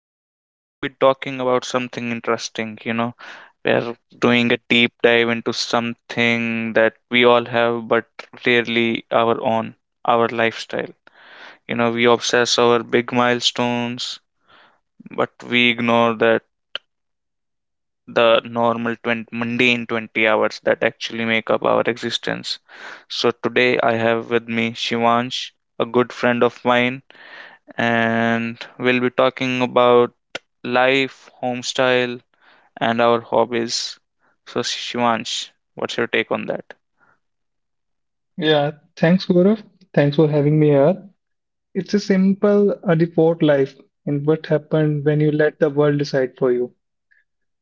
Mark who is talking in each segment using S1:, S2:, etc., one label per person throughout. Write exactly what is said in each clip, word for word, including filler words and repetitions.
S1: today we'll be talking about something interesting. You know, we're doing a deep dive into something that we all have, but rarely our own our lifestyle. You know, we obsess over big milestones, but we ignore that the normal twenty, mundane twenty hours that actually make up our existence. So, today I have with me Shivansh, a good friend of mine, and we'll be talking about life, home style, and our hobbies. So, Shivansh, what's your take on that?
S2: Yeah, thanks, Gaurav. Thanks for having me here. It's a simple uh, default life and what happened when you let the world decide for you.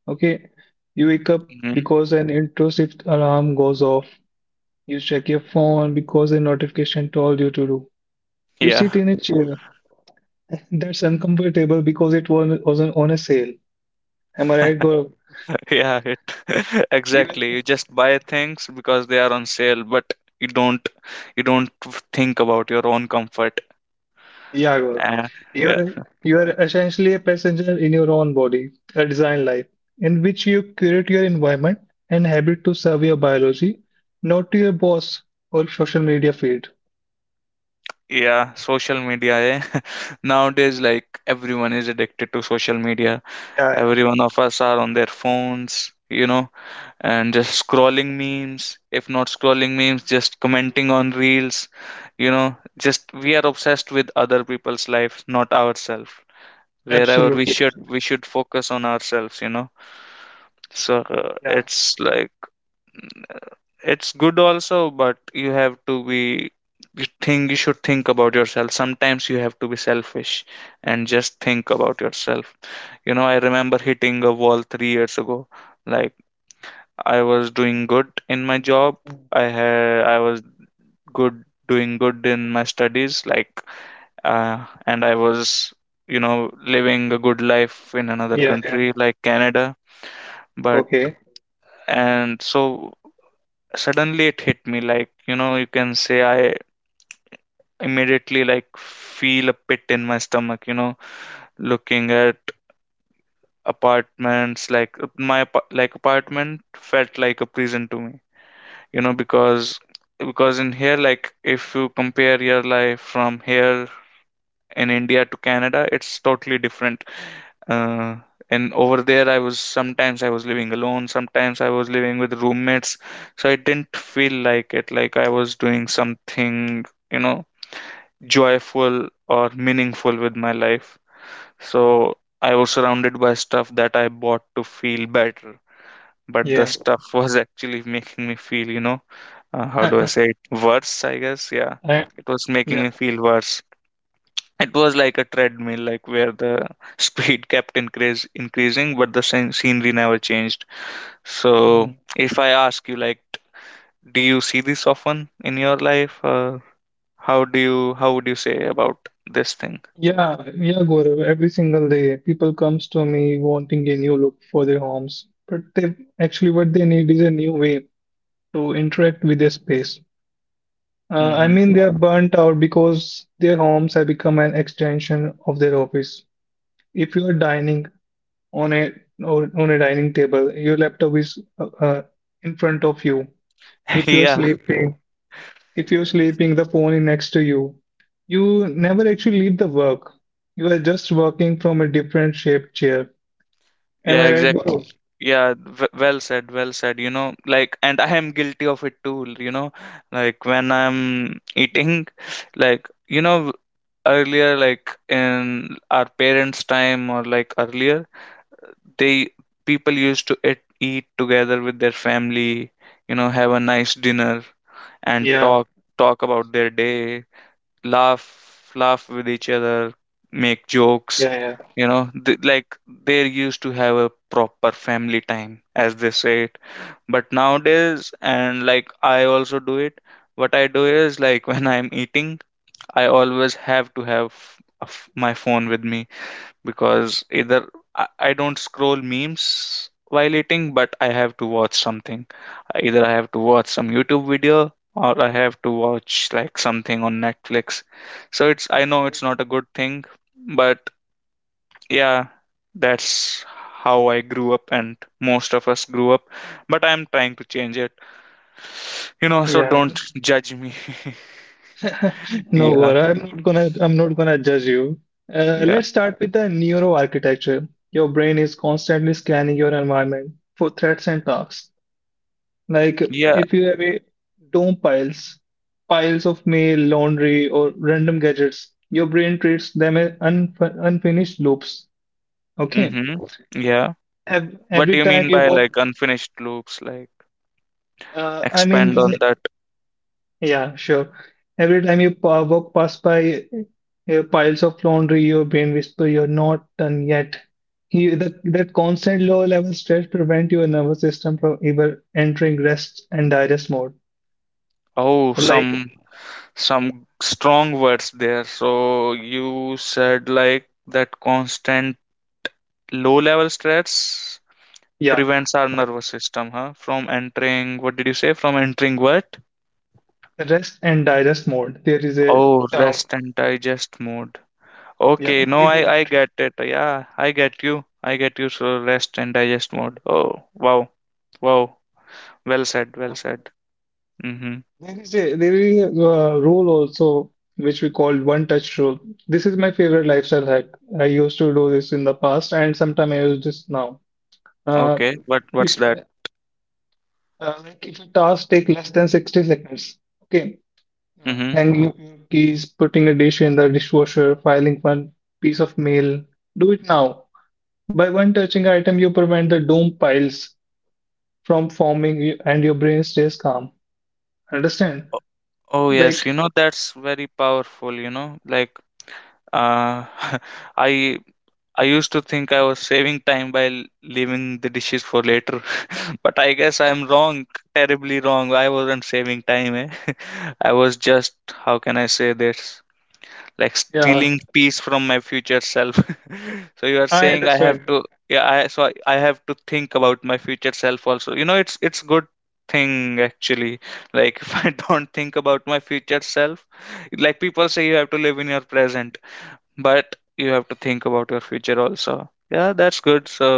S2: Okay, you wake up
S1: Hmm.
S2: because an intrusive alarm goes off. You check your phone because a notification told you to do. You
S1: Yeah.
S2: sit in a chair that's uncomfortable because it was, wasn't on a sale. Am I right, Gaurav?
S1: Yeah, it,
S2: You
S1: exactly. You just buy things because they are on sale, but you don't you don't think about your own comfort.
S2: Yeah, Gaurav.
S1: Uh, yeah,
S2: You're you're essentially a passenger in your own body, a design life, in which you curate your environment and habit to serve your biology, not to your boss or social media feed.
S1: yeah, social media. Eh? Nowadays, like everyone is addicted to social media.
S2: Yeah, yeah,
S1: Every one of us are on their phones. You know, and just scrolling memes, if not scrolling memes, just commenting on reels, you know, just we are obsessed with other people's lives, not ourselves, wherever we
S2: absolutely.
S1: should we should focus on ourselves, you know so uh,
S2: Yeah,
S1: it's like it's good also, but you have to be, you think you should think about yourself. Sometimes you have to be selfish and just think about yourself, you know. I remember hitting a wall three years ago. Like I was doing good in my job. I had I was good doing good in my studies. Like uh, and I was, you know, living a good life in another
S2: yeah, yeah.
S1: country like Canada. But
S2: Okay,
S1: and so suddenly it hit me. Like, you know, you can say I immediately like feel a pit in my stomach. You know, looking at apartments, like my apa- like apartment felt like a prison to me, you know, because because in here, like, if you compare your life from here in India to Canada, it's totally different. uh, and over there I was, sometimes I was living alone, sometimes I was living with roommates. So I didn't feel like it, like I was doing something, you know, joyful or meaningful with my life. So I was surrounded by stuff that I bought to feel better, but the
S2: yeah.
S1: stuff was actually making me feel, you know, uh, how do I
S2: I,
S1: say it? Worse, I guess. Yeah, it was
S2: yeah,
S1: making me feel worse. It was like a treadmill, like where the speed kept increase increasing, but the scen- scenery never changed. So, if I ask you, like, t- do you see this often in your life? Uh, how do you how would you say about this thing?
S2: yeah, yeah, Gaurav. Every single day, people comes to me wanting a new look for their homes, but they actually what they need is a new way to interact with their space. Uh, I
S1: Hmm.
S2: mean, they are burnt out because their homes have become an extension of their office. If you are dining on a or on a dining table, your laptop is uh, uh, in front of you. If you're
S1: Yeah,
S2: sleeping, if you're sleeping, the phone is next to you. You never actually leave the work. You are just working from a different shaped chair. Am
S1: yeah,
S2: I right, Gaurav?
S1: exactly. Yeah, w- well said, well said. You know, like, and I am guilty of it too. You know, like when I'm eating, like, you know, earlier, like in our parents time, or like earlier they, people used to eat, eat together with their family, you know, have a nice dinner and
S2: Yeah,
S1: talk talk about their day, laugh laugh with each other, make jokes,
S2: yeah, yeah,
S1: you know, th- like they used to have a proper family time, as they say it. But nowadays, and like I also do it, what I do is like when I'm eating, I always have to have a f- my phone with me, because either I, I don't scroll memes while eating, but I have to watch something. Either I have to watch some YouTube video or I have to watch like something on Netflix. So it's, I know it's not a good thing, but yeah, that's how I grew up and most of us grew up. But I'm trying to change it, you know. So
S2: yeah.
S1: don't judge me.
S2: No,
S1: Yeah,
S2: Gaurav, I'm not gonna I'm not gonna judge you. Uh,
S1: yeah,
S2: let's start with the neuroarchitecture. Your brain is constantly scanning your environment for threats and tasks. Like
S1: yeah.
S2: if you have a dome piles, piles of mail, laundry, or random gadgets, your brain treats them as unf unfinished loops. Okay.
S1: Mm-hmm. Yeah.
S2: Ev-
S1: What do
S2: Every
S1: you
S2: time
S1: mean
S2: you
S1: by
S2: walk,
S1: like unfinished looks? Like
S2: uh, I mean,
S1: expand on that.
S2: yeah, sure. Every time you pa- walk past by uh, piles of laundry, your brain whisper, "You're not done yet." You, that, that constant low-level stress prevent your nervous system from ever entering rest and digest mode.
S1: Oh,
S2: Like,
S1: some some strong words there. So you said like that constant low level stress
S2: yeah,
S1: prevents our nervous system, huh? From entering, what did you say? From entering what?
S2: rest and digest mode. There is a
S1: Oh,
S2: term.
S1: rest and digest mode.
S2: Yeah,
S1: Okay,
S2: we
S1: no,
S2: don't.
S1: I I get it. Yeah, I get you. I get you. So rest and digest mode. Oh, wow, wow. Well said. Well
S2: uh,
S1: said. Mm-hmm.
S2: There is a there is a uh, rule also which we call one touch rule. This is my favorite lifestyle hack. I used to do this in the past, and sometimes I use this now. Uh.
S1: Okay, what what's
S2: If
S1: that?
S2: uh, uh, like if a task take less than sixty seconds, okay, uh,
S1: Mm-hmm.
S2: hanging up your keys, putting a dish in the dishwasher, filing one piece of mail, do it now. By one touching item, you prevent the doom piles from forming you- and your brain stays calm. Understand?
S1: Oh, oh, yes,
S2: Like,
S1: you know that's very powerful, you know. Like uh I I used to think I was saving time by l- leaving the dishes for later, but I guess I'm wrong, terribly wrong. I wasn't saving time, eh? I was just, how can I say this? Like
S2: yeah,
S1: stealing peace from my future self. So you are
S2: I
S1: saying I have
S2: understand.
S1: to, yeah, I so I I have to think about my future self also, you know. it's it's good thing actually, like if I don't think about my future self, like people say you have to live in your present, but you have to think about your future also. Yeah, that's good. So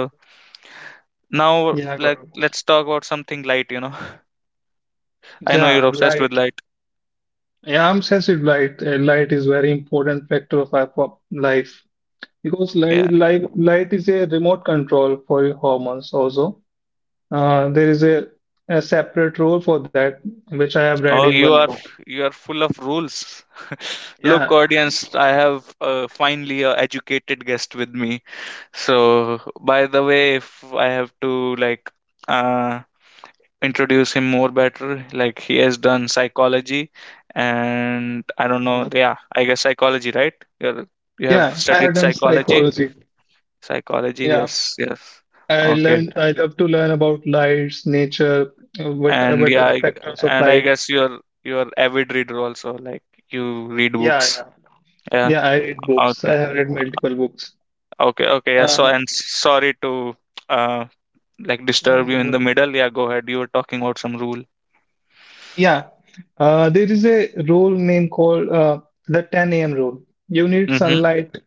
S1: now,
S2: Yeah,
S1: like,
S2: Gaurav.
S1: let's talk about something light, you know. I know you're
S2: Yeah,
S1: obsessed with
S2: light.
S1: light.
S2: Yeah, I'm sensitive light. Uh, light is very important factor of our pop- life. Because
S1: Yeah.
S2: light, light, light is a remote control for your hormones also. Uh, there is a, a separate role for that, which I have read
S1: Oh,
S2: in
S1: you
S2: one
S1: are,
S2: book.
S1: you are full of rules. Look,
S2: Yeah.
S1: audience, I have uh, finally a educated guest with me. So, by the way, if I have to like uh, introduce him more better, like he has done psychology, and I don't know.
S2: Uh,
S1: Yeah, I guess psychology, right? You're, you have
S2: Yeah, I have
S1: studied
S2: done
S1: psychology.
S2: psychology.
S1: Psychology,
S2: Yeah.
S1: yes, yes.
S2: I
S1: Okay,
S2: learned, I love to learn about lights, nature, uh, what, uh,
S1: and
S2: what are
S1: yeah,
S2: the
S1: I,
S2: factors of
S1: and I
S2: light.
S1: guess you're you're avid reader also. Like you read
S2: Yeah,
S1: books.
S2: yeah.
S1: Yeah.
S2: Yeah, I read books.
S1: Okay.
S2: I have read multiple books.
S1: Okay, okay, yeah. So,
S2: Uh,
S1: and s- sorry to uh like
S2: no,
S1: disturb you in the
S2: no.
S1: middle. Yeah, go ahead. You were talking about some rule.
S2: Yeah. Uh, there is a rule name called uh, the ten a m rule. You need
S1: Mm-hmm.
S2: sunlight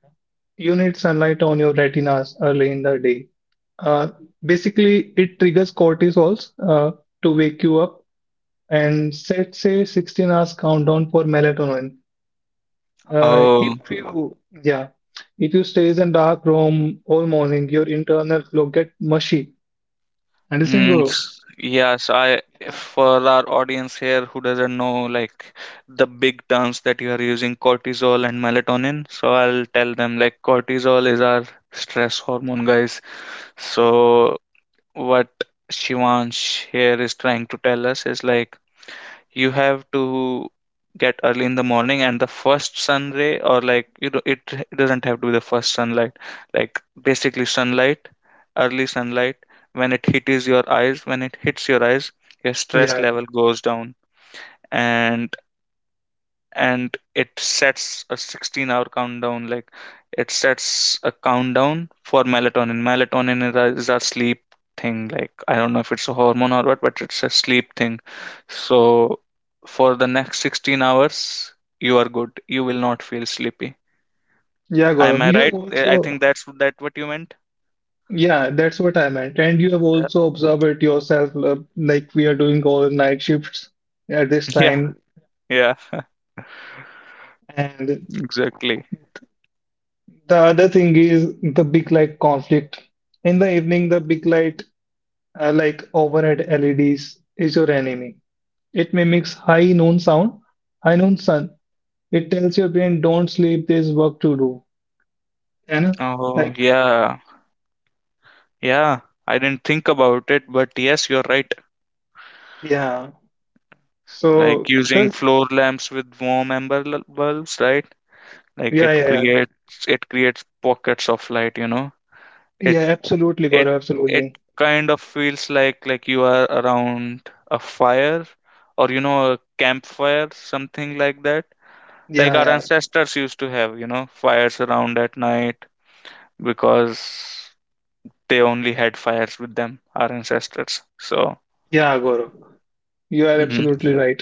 S2: you need sunlight on your retinas early in the day. Uh, Basically, it triggers cortisols uh, to wake you up and set, say, sixteen hours countdown for melatonin. Uh,
S1: Oh,
S2: if you, yeah, if you stays in dark room all morning, your internal flow get mushy. Understand,
S1: mm,
S2: Guru?
S1: s- yeah. So I, if
S2: Yeah,
S1: for our audience here who doesn't know like the big terms that you are using, cortisol and melatonin. So I'll tell them like cortisol is our stress hormone, guys. So what Shivansh here is trying to tell us is like you have to get early in the morning and the first sun ray, or like, you know, it, it doesn't have to be the first sunlight, like basically sunlight, early sunlight, when it hits your eyes, when it hits your eyes, your stress
S2: yeah,
S1: level goes down, and and it sets a sixteen hour countdown, like it sets a countdown for melatonin. Melatonin is our sleep thing, like I don't know if it's a hormone or what, but it's a sleep thing. So for the next sixteen hours you are good, you will not feel sleepy.
S2: yeah,
S1: Am I
S2: Gaurav. You have
S1: right? Eh, I
S2: also,
S1: think that's that what you meant.
S2: yeah, that's what I meant. And you have
S1: Uh,
S2: also observed it yourself, uh, like we are doing all night shifts at this
S1: yeah,
S2: time.
S1: yeah,
S2: And
S1: exactly.
S2: the other thing is the big light conflict. In the evening, the big light, uh, like overhead L E Ds, is your enemy. It mimics high noon sound, high noon sun. It tells your brain, don't sleep, there's work to do. And
S1: Oh
S2: like,
S1: yeah, yeah, I didn't think about it, but yes you're right.
S2: yeah.
S1: Like
S2: So
S1: using
S2: this,
S1: floor lamps with warm amber l- bulbs, right? Like
S2: yeah,
S1: it
S2: yeah, yeah,
S1: creates it creates pockets of light, you know.
S2: yeah,
S1: It
S2: absolutely,
S1: it
S2: Gaurav,
S1: it
S2: absolutely.
S1: kind of feels like like you are around a fire, or you know, a campfire, something like that. Like
S2: Yeah,
S1: our
S2: yeah,
S1: ancestors used to have, you know, fires around at night because they only had fires with them, our ancestors. So,
S2: yeah, Gaurav. You are
S1: mhm.
S2: absolutely right.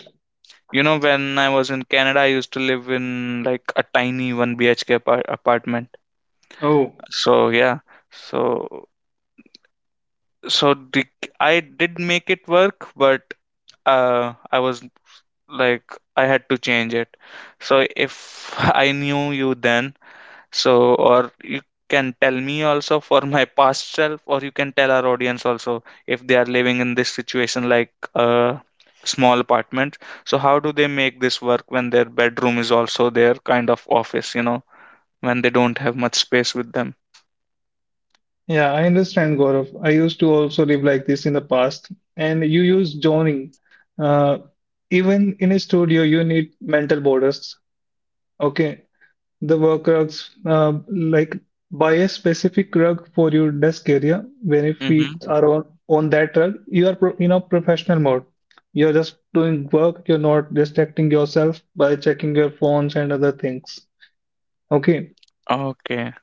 S1: You know, when I was in Canada, I used to live in like a tiny one B H K apart- apartment.
S2: Oh.
S1: So yeah, so so the, I did make it work, but uh, I was, like I had to change it. So if I knew you then, so, or you can tell me also for my past self, or you can tell our audience also if they are living in this situation like a small apartment. So, how do they make this work when their bedroom is also their kind of office, you know, when they don't have much space with them?
S2: Yeah, I understand, Gaurav. I used to also live like this in the past. And you use zoning. Uh, Even in a studio, you need mental borders. Okay, the work rugs, uh, like buy a specific rug for your desk area. When your feet
S1: Mm-hmm.
S2: are on on that rug, you are pro in a professional mode. You're just doing work. You're not distracting yourself by checking your phones and other things. Okay.
S1: Okay.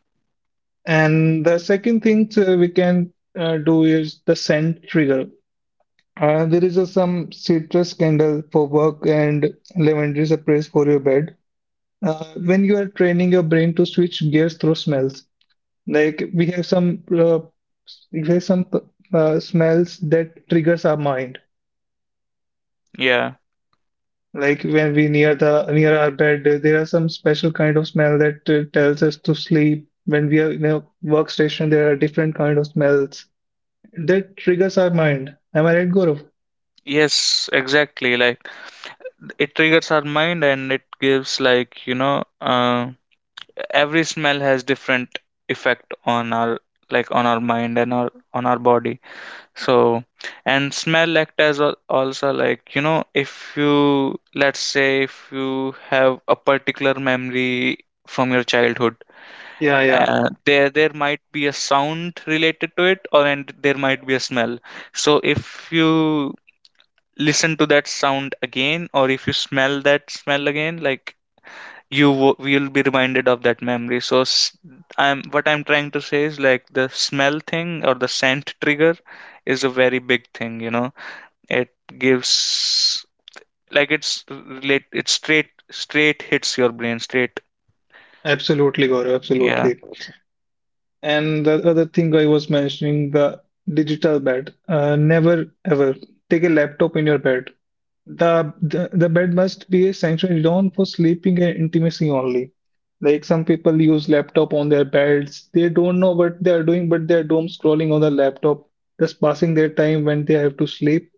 S2: And the second thing uh, we can uh, do is the scent trigger. Uh, there is a, some citrus candle for work and lavender sprays for your bed. Uh, when you are training your brain to switch gears through smells, like we have some uh, we have some uh, smells that triggers our mind.
S1: Yeah.
S2: Like when we near the near our bed, there are some special kind of smell that uh, tells us to sleep. When we are in a workstation, there are different kind of smells that triggers our mind. Am I right, Gaurav?
S1: Yes, exactly. Like it triggers our mind and it gives like, you know, uh, every smell has different effect on our, like on our mind and our on our body. So, and smell act as al- also like, you know, if you, let's say, if you have a particular memory from your childhood,
S2: Yeah, yeah,
S1: uh, there there might be a sound related to it, or and there might be a smell. So, if you listen to that sound again, or if you smell that smell again, like you wo- will be reminded of that memory. So, s- I'm what I'm trying to say is, like, the smell thing or the scent trigger is a very big thing, you know it gives, like, it's relate it's straight straight hits your brain straight.
S2: absolutely, Gaurav,
S1: Yeah.
S2: absolutely. And the other thing I was mentioning, the digital bed. Uh, never ever take a laptop in your bed. The, the the bed must be a sanctuary zone for sleeping and intimacy only. Like some people use laptop on their beds. They don't know what they are doing, but they are doom scrolling on the laptop, just passing their time when they have to sleep.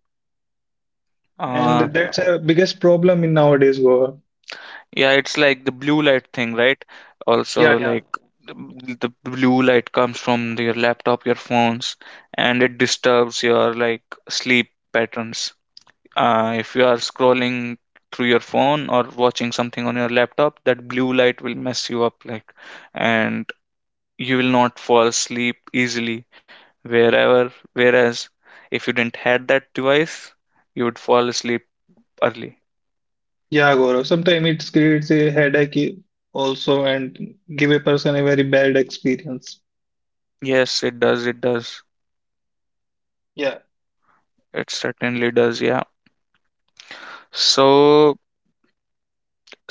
S2: And
S1: uh
S2: that's a biggest problem in nowadays, Gaurav.
S1: yeah, it's like the blue light thing, right?
S2: Yeah,
S1: Also,
S2: yeah.
S1: like, the, the blue light comes from your laptop, your phones, and it disturbs your, like, sleep patterns. Uh if you are scrolling through your phone or watching something on your laptop, that blue light will mess you up, like, and you will not fall asleep easily. Wherever Whereas if you didn't had that device, you would fall asleep early.
S2: Yeah, Gaurav. Sometimes it creates a headache also and give a person a very bad experience.
S1: Yes, it does, it does,
S2: Yeah,
S1: it certainly does. Yeah. so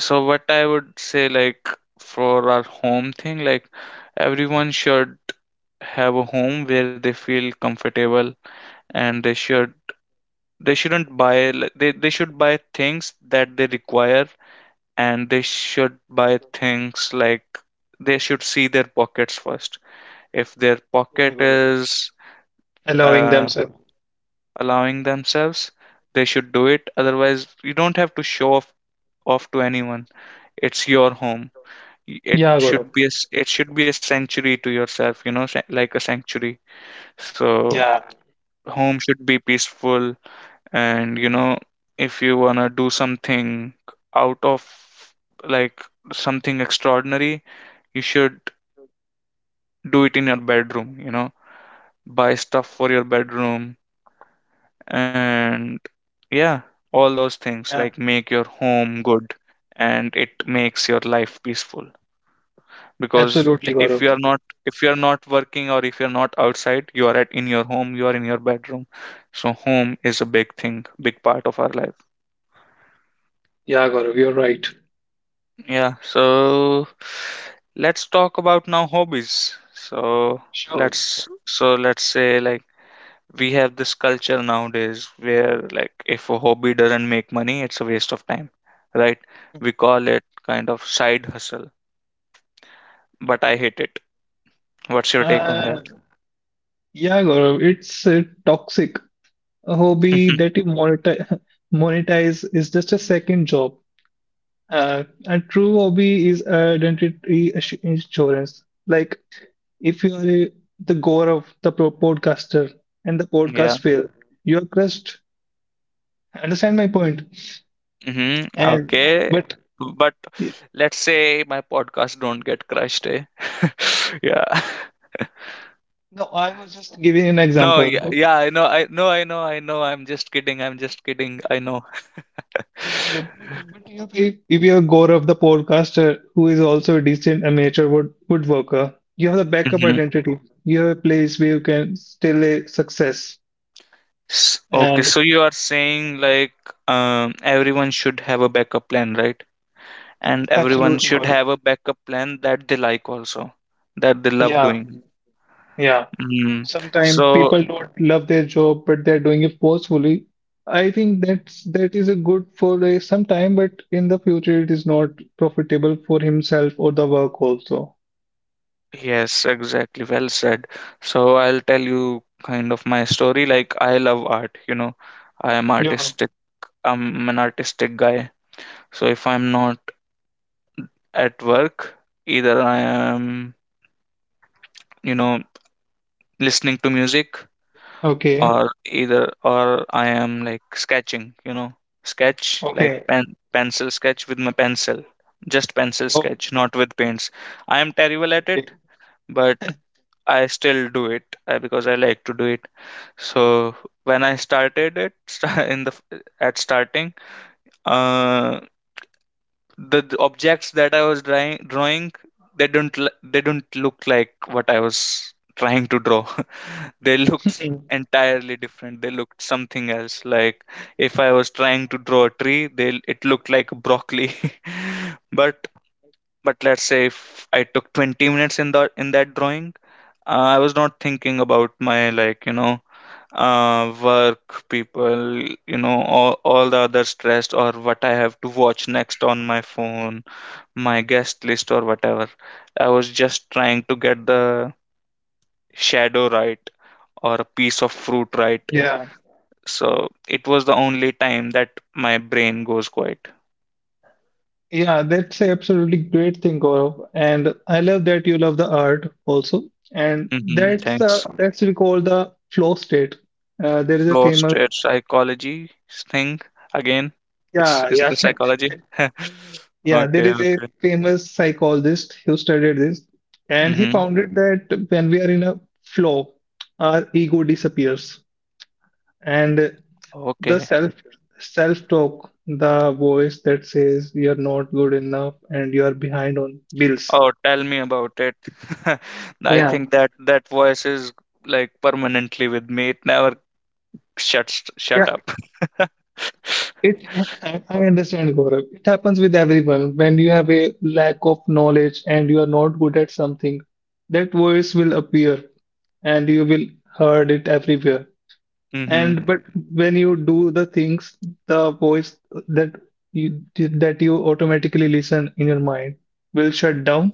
S1: so what I would say, like, for our home thing, like, everyone should have a home where they feel comfortable, and they should they shouldn't buy li- they, they should buy things that they require, and they should buy things like they should see their pockets first. If their
S2: yeah,
S1: pocket
S2: Gaurav.
S1: is
S2: Allowing
S1: uh,
S2: themselves.
S1: allowing themselves, they should do it. Otherwise, you don't have to show off, off to anyone. It's your home. It
S2: Yeah, Gaurav.
S1: should be a, s- it should be a sanctuary to yourself. You know, sa- like a sanctuary. So
S2: Yeah,
S1: home should be peaceful, and, you know, if you wanna do something out of, like, something extraordinary, you should do it in your bedroom, you know, buy stuff for your bedroom, and yeah, all those things,
S2: yeah,
S1: like, make your home good, and it makes your life peaceful, because
S2: absolutely,
S1: if
S2: Gaurav.
S1: you are not if you are not working or if you are not outside, you are at in your home, you are in your bedroom. So home is a big thing, big part of our life.
S2: Yeah, Gaurav, you're right.
S1: Yeah. So let's talk about now hobbies. So
S2: Sure.
S1: let's so let's say, like, we have this culture nowadays where, like, if a hobby doesn't make money, it's a waste of time, right? We call it kind of side hustle, but I hate it. What's your take on
S2: Uh,
S1: that?
S2: yeah, Gaurav, it's uh, toxic. A hobby that you monetize, monetize is just a second job. Uh, a true hobby is identity assu- insurance. Like, if you are a, the Gaurav, the pro podcaster, and the
S1: Yeah.
S2: podcast fail, you are crushed. Understand my point?
S1: Hmm.
S2: And
S1: Okay,
S2: but
S1: but
S2: it-
S1: let's say my podcast don't get crushed, eh? Yeah.
S2: no, I was just giving an
S1: No,
S2: example.
S1: yeah,
S2: But
S1: yeah, i know i know i know i know I'm just kidding, I'm just kidding, I know.
S2: and, uh, but if if if you have Gaurav, the podcaster, who is also a decent amateur wood woodworker, you have the backup
S1: Hmm.
S2: identity. You have a place where you can still a success.
S1: S Okay,
S2: And
S1: so you are saying, like, um everyone should have a backup plan, right? And everyone
S2: absolutely,
S1: should
S2: Gaurav.
S1: have a backup plan that they, like, also that they love
S2: Yeah,
S1: doing.
S2: yeah.
S1: Mm.
S2: Sometimes
S1: So
S2: people don't love their job, but they're doing it forcefully. I think that's that is a good for a some time, but in the future it is not profitable for himself or the work also.
S1: yes, exactly, well said. So I'll tell you kind of my story. Like, I love art, you know, I am
S2: Yeah.
S1: artistic, I'm an artistic guy. So if I'm not at work, either I am, you know, listening to music,
S2: Okay.
S1: or either or I am, like, sketching, you know, sketch, like,
S2: Okay.
S1: pen pencil sketch with my pencil, just pencil
S2: Oh,
S1: sketch, not with paints. I am terrible at
S2: okay.
S1: it, but I still do it, uh, because I like to do it. So when I started it, sta- in the f- at starting, uh, the, the objects that I was drawing, drawing they don't l- they don't look like what I was trying to draw. They looked
S2: Mhm.
S1: entirely different, they looked something else. Like, if I was trying to draw a tree, they it looked like broccoli. but but let's say if I took twenty minutes in the in that drawing, uh, I was not thinking about my, like, you know, uh, work people, you know, all, all the other stress or what I have to watch next on my phone, my guest list or whatever. I was just trying to get the shadow right or a piece of fruit right.
S2: Yeah.
S1: So it was the only time that my brain goes quiet.
S2: Yeah, that's a absolutely great thing, Gaurav. And I love that you love the art also. And
S1: Hmm.
S2: that's the
S1: Thanks.
S2: that's we call the flow state. Uh, there is a
S1: Flow
S2: famous
S1: state psychology thing again. It's,
S2: Yeah,
S1: is
S2: yeah,
S1: it a psychology?
S2: yeah, there
S1: Okay,
S2: is a
S1: okay.
S2: famous psychologist who studied this, and he
S1: Hmm.
S2: found it that when we are in a flow, our ego disappears. And the
S1: Okay.
S2: self self talk the voice that says you're not good enough and you're behind on bills.
S1: Oh, tell me about it. I
S2: Yeah.
S1: think that that voice is, like, permanently with me. It never shuts
S2: Yeah,
S1: shut up.
S2: it i, I understand, Gaurav. It happens with everyone when you have a lack of knowledge and you are not good at something, that voice will appear and you will heard it everywhere
S1: Mm-hmm.
S2: and but when you do the things, the voice that you that you automatically listen in your mind will shut down.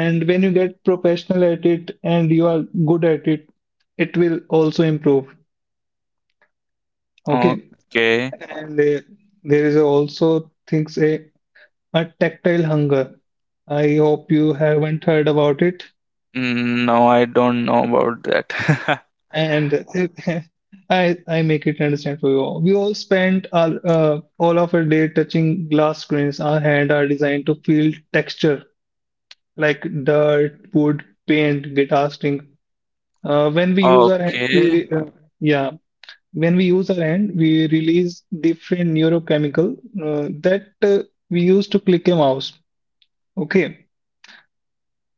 S2: And when you get professional at it and you are good at it, it will also improve. Okay.
S1: Okay.
S2: And uh, there is also things a, a tactile hunger. I hope you haven't heard about it.
S1: Mm, no, I don't know about that.
S2: And I I make it understand for you all. We all spend our uh, all of our day touching glass screens. Our hand are designed to feel texture like dirt, wood, paint, guitar string. Uh, when we use our hand,
S1: Okay.
S2: we re- uh, yeah, when we use our hand, we release different neurochemical uh, that uh, we use to click a mouse. Okay,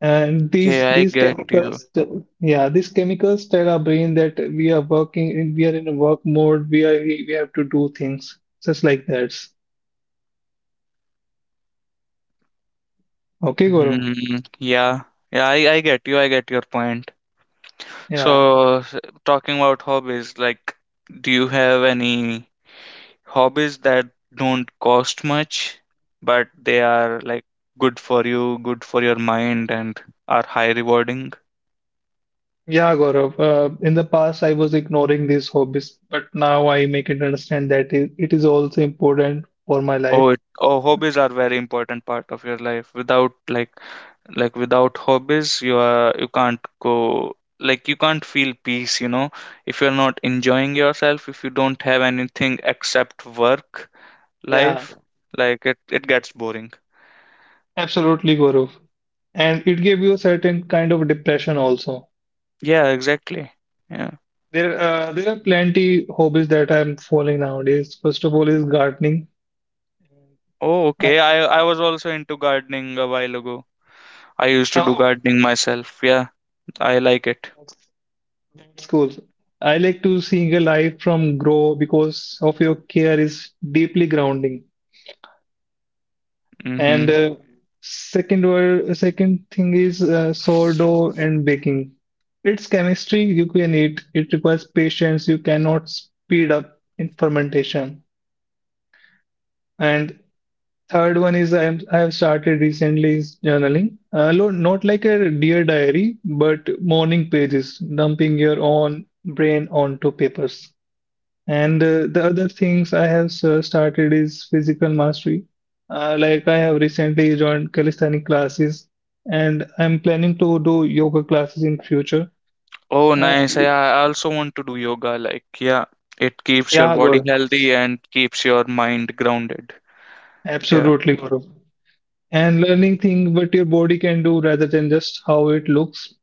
S2: and
S1: Okay,
S2: these
S1: I
S2: these
S1: get you.
S2: chemicals, yeah, these chemicals tell our brain that we are working, we are in a work mode. We are we, have to do things just like that. Okay, Gaurav.
S1: Hmm. Yeah. Yeah, I, I get you. I get your point.
S2: Yeah,
S1: So, s- talking about hobbies, like, do you have any hobbies that don't cost much, but they are, like, good for you, good for your mind, and are high rewarding?
S2: yeah, Gaurav. Uh, in the past, I was ignoring these hobbies, but now I make it understand that it, it is also important for my life.
S1: Oh, it, oh, hobbies are very important part of your life. Without, like, like without hobbies you are, you can't go, like, you can't feel peace, you know, if you're not enjoying yourself, if you don't have anything except work
S2: Yeah.
S1: life, like, it, it gets boring.
S2: Absolutely, Gaurav. And it gave you a certain kind of depression also.
S1: Yeah, exactly. Yeah.
S2: There, uh, there are plenty hobbies that I'm following nowadays. First of all is gardening.
S1: Oh, okay,
S2: I,
S1: i i was also into gardening a while ago. I used to do
S2: oh,
S1: gardening myself, yeah. I like it.
S2: that's, that's cool. I like to seeing a life from grow because of your care is deeply grounding.
S1: Mm-hmm.
S2: And uh, second word, second thing is uh, sourdough and baking. It's chemistry you can eat. It requires patience. You cannot speed up in fermentation. And third one is I am I have started recently is journaling. Uh, lo- not like a dear diary, but morning pages, dumping your own brain onto papers. And uh, the other things I have uh, started is physical mastery. Uh, like I have recently joined calisthenic classes, and I'm planning to do yoga classes in future.
S1: Oh nice,
S2: And
S1: yeah, I also want to do yoga, like, yeah, it keeps your
S2: yeah,
S1: body
S2: Gaurav,
S1: healthy and keeps your mind grounded. Yeah.
S2: absolutely, Gaurav. And learning things what your body can do rather than just how it looks.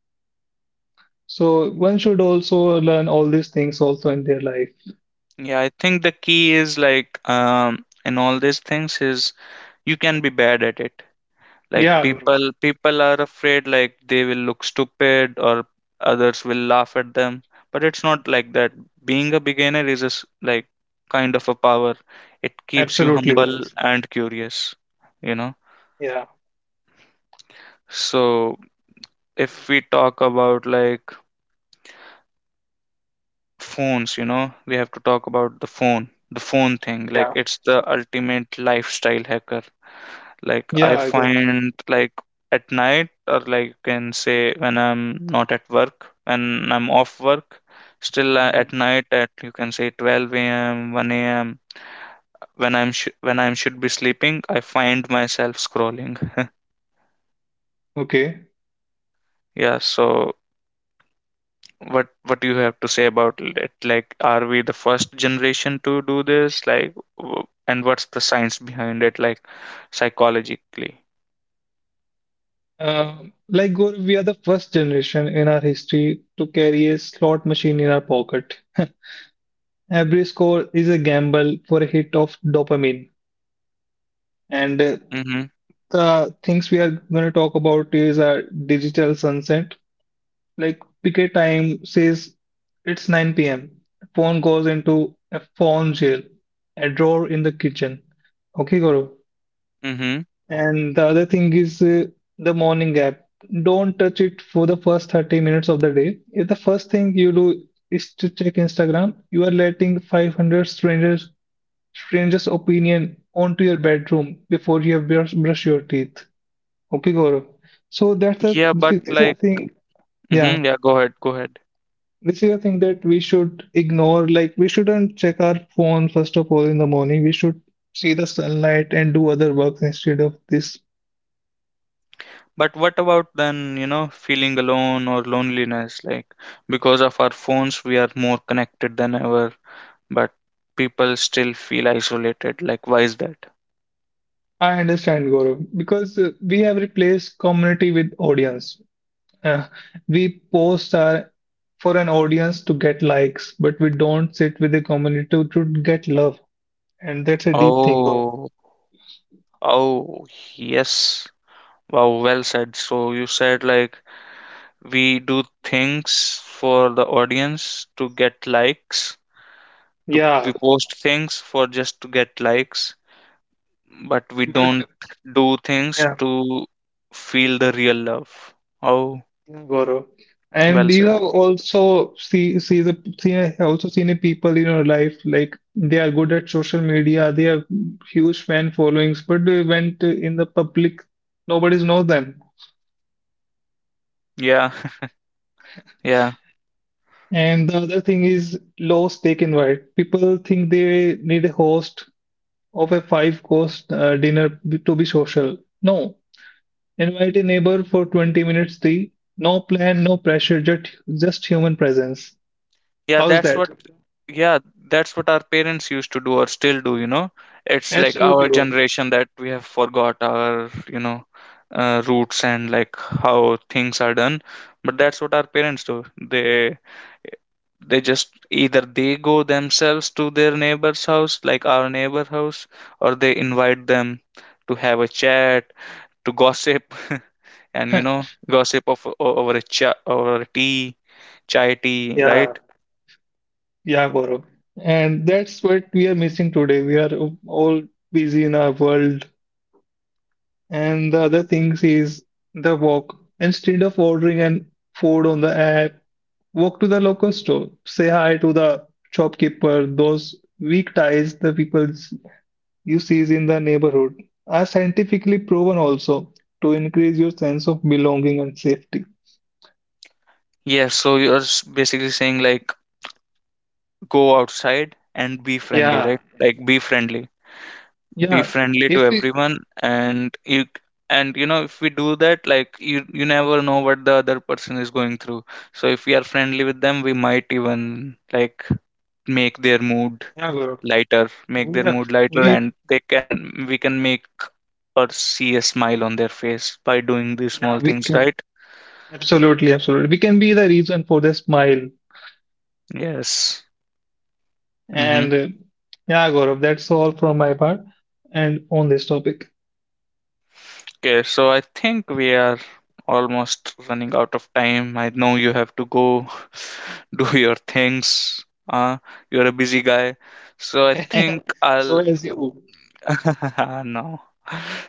S2: So one should also learn all these things also in their life.
S1: Yeah, I think the key is, like, um, in all these things is you can be bad at it. Like,
S2: Yeah, Guru.
S1: people people are afraid, like, they will look stupid or others will laugh at them, but it's not like that. Being a beginner is a s like kind of a power. It keeps you
S2: Absolutely,
S1: humble
S2: Guru.
S1: and curious, you know.
S2: Yeah,
S1: So if we talk about, like, phones, you know, we have to talk about the phone, the phone thing. Like,
S2: yeah.
S1: it's the ultimate lifestyle hacker. Like, I
S2: Yeah, Guru.
S1: find, like, at night, or, like, you can say, when I'm not at work, when I'm off work, still uh, at
S2: Mhm.
S1: night at, you can say, twelve a m, one a m, when I'm sh- when I'm should be sleeping, I find myself scrolling.
S2: Okay.
S1: Yeah, so what what do you have to say about it? Like, are we the first generation to do this? Like, w- and what's the science behind it? Like, psychologically.
S2: Um, like, Guru, we are the first generation in our history to carry a slot machine in our pocket. Every score is a gamble for a hit of dopamine. And uh,
S1: Mm-hmm.
S2: the things we are going to talk about is our digital sunset. Like, picket time says it's nine p m. Phone goes into a phone jail, a drawer in the kitchen. Okay, Gaurav.
S1: Mm-hmm.
S2: And the other thing is uh, the morning app. Don't touch it for the first thirty minutes of the day. If the first thing you do is to check Instagram, you are letting five hundred strangers strangers opinion onto your bedroom before you have brush, brush your teeth. Okay, Gaurav. So that's the,
S1: Yeah,
S2: that's
S1: but,
S2: the
S1: like,
S2: thing. Yeah.
S1: mm-hmm, yeah, go ahead, go ahead.
S2: This is a thing that we should ignore. Like, we shouldn't check our phone first of all in the morning. We should see the sunlight and do other works instead of this.
S1: But what about then, you know, feeling alone or loneliness? Like, because of our phones, we are more connected than ever, but people still feel isolated. Like, why is that?
S2: I understand, Gaurav, because uh, we have replaced community with audience. Uh, we post our, for an audience to get likes, but we don't sit with the community to, to get love. And that's a deep thing, Gaurav.
S1: Oh, oh, yes. Wow, well said. So you said, like, we do things for the audience to get likes, to
S2: Yeah,
S1: we post things for just to get likes, but we don't
S2: but
S1: do things to feel the real love. Oh.
S2: Yeah, Gaurav. And
S1: Well
S2: you
S1: said.
S2: have also see see the seen I have also seen a people in your life like they are good at social media, they have huge fan followings, but they went in the public, nobody's know them.
S1: Yeah. Yeah,
S2: And the other thing is low stake invite. People think they need a host of a five course uh, dinner b- to be social. No, invite a neighbor for twenty minutes tea. No plan, no pressure, just just human presence.
S1: yeah.
S2: How's
S1: That's
S2: that?
S1: what. Yeah, that's what our parents used to do or still do. You know, it's like
S2: Absolutely,
S1: our
S2: Gaurav.
S1: generation that we have forgot our, you know, uh, roots and, like, how things are done. But that's what our parents do. They they just either they go themselves to their neighbor's house, like, our neighbor house, or they invite them to have a chat, to gossip, and, you know, gossip of o- over a cha over a tea, chai tea,
S2: Yeah,
S1: right?
S2: yeah, Gaurav. And that's what we are missing today. We are all busy in our world. And the other things is the walk. Instead of ordering an food on the app, walk to the local store. Say hi to the shopkeeper. Those weak ties, the people you see in the neighborhood, are scientifically proven also to increase your sense of belonging and safety.
S1: Yes, so you're s- basically saying, like, go outside and be friendly,
S2: Yeah,
S1: right? Like, be friendly, be
S2: yeah.
S1: friendly to
S2: If we,
S1: everyone, and you, and you know, if we do that, like, you you never know what the other person is going through. So if we are friendly with them, we might even, like, make their
S2: Yeah,
S1: mood
S2: Gaurav.
S1: lighter,
S2: We have,
S1: make their mood
S2: we,
S1: lighter, and they can we can make, or see a smile on their face by doing
S2: yeah,
S1: these
S2: we
S1: small things, right?
S2: Absolutely, absolutely. We can be the reason for the smile.
S1: Yes.
S2: And uh,
S1: Mm-hmm.
S2: yeah, Gaurav, that's all from my part and on this topic.
S1: Okay, so I think we are almost running out of time. I know you have to go do your things. Uh, you're a busy guy. So I think
S2: So
S1: I'll
S2: as you,
S1: no.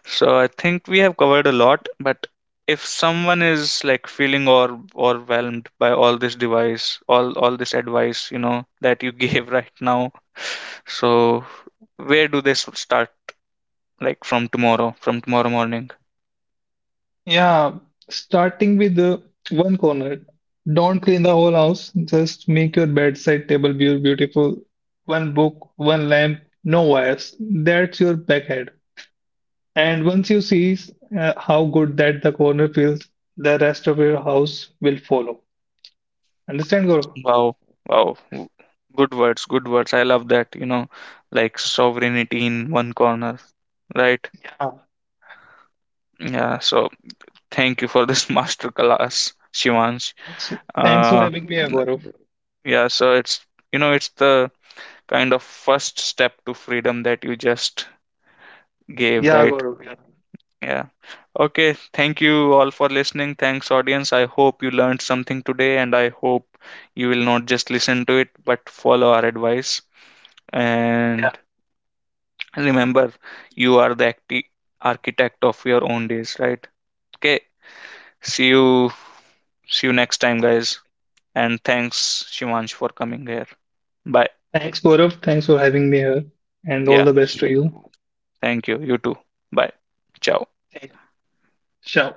S1: So I think we have covered a lot, but if someone is, like, feeling or overwhelmed by all this device, all all this advice, you know, that you gave right now, so where do they s- start? Like, from tomorrow, from tomorrow morning.
S2: yeah, starting with the one corner, don't clean the whole house, just make your bedside table be beautiful. One book, one lamp, no wires. That's your backhead. And once you see uh, how good that the corner feels, the rest of your house will follow. Understand, Gaurav?
S1: Wow, wow. w- Good words, good words. I love that, you know, like, sovereignty in one corner, right? Yeah, so thank you for this master class, Shivansh.
S2: Thanks, thanks for
S1: Uh,
S2: having me, Gaurav.
S1: Yeah, so it's, you know, it's the kind of first step to freedom that you just gave,
S2: Yeah,
S1: right?
S2: Gaurav. Yeah.
S1: Yeah. Okay, thank you all for listening. Thanks audience. I hope you learned something today, and I hope you will not just listen to it but follow our advice.
S2: Yeah.
S1: And remember, you are the acti- architect of your own days, right? Okay. See you See you next time, guys, and thanks Shivansh for coming here. Bye.
S2: Thanks, Gaurav. Thanks for having me here, and all
S1: Yeah.
S2: the best to you.
S1: Thank you. You too. Bye. Ciao.
S2: Ciao.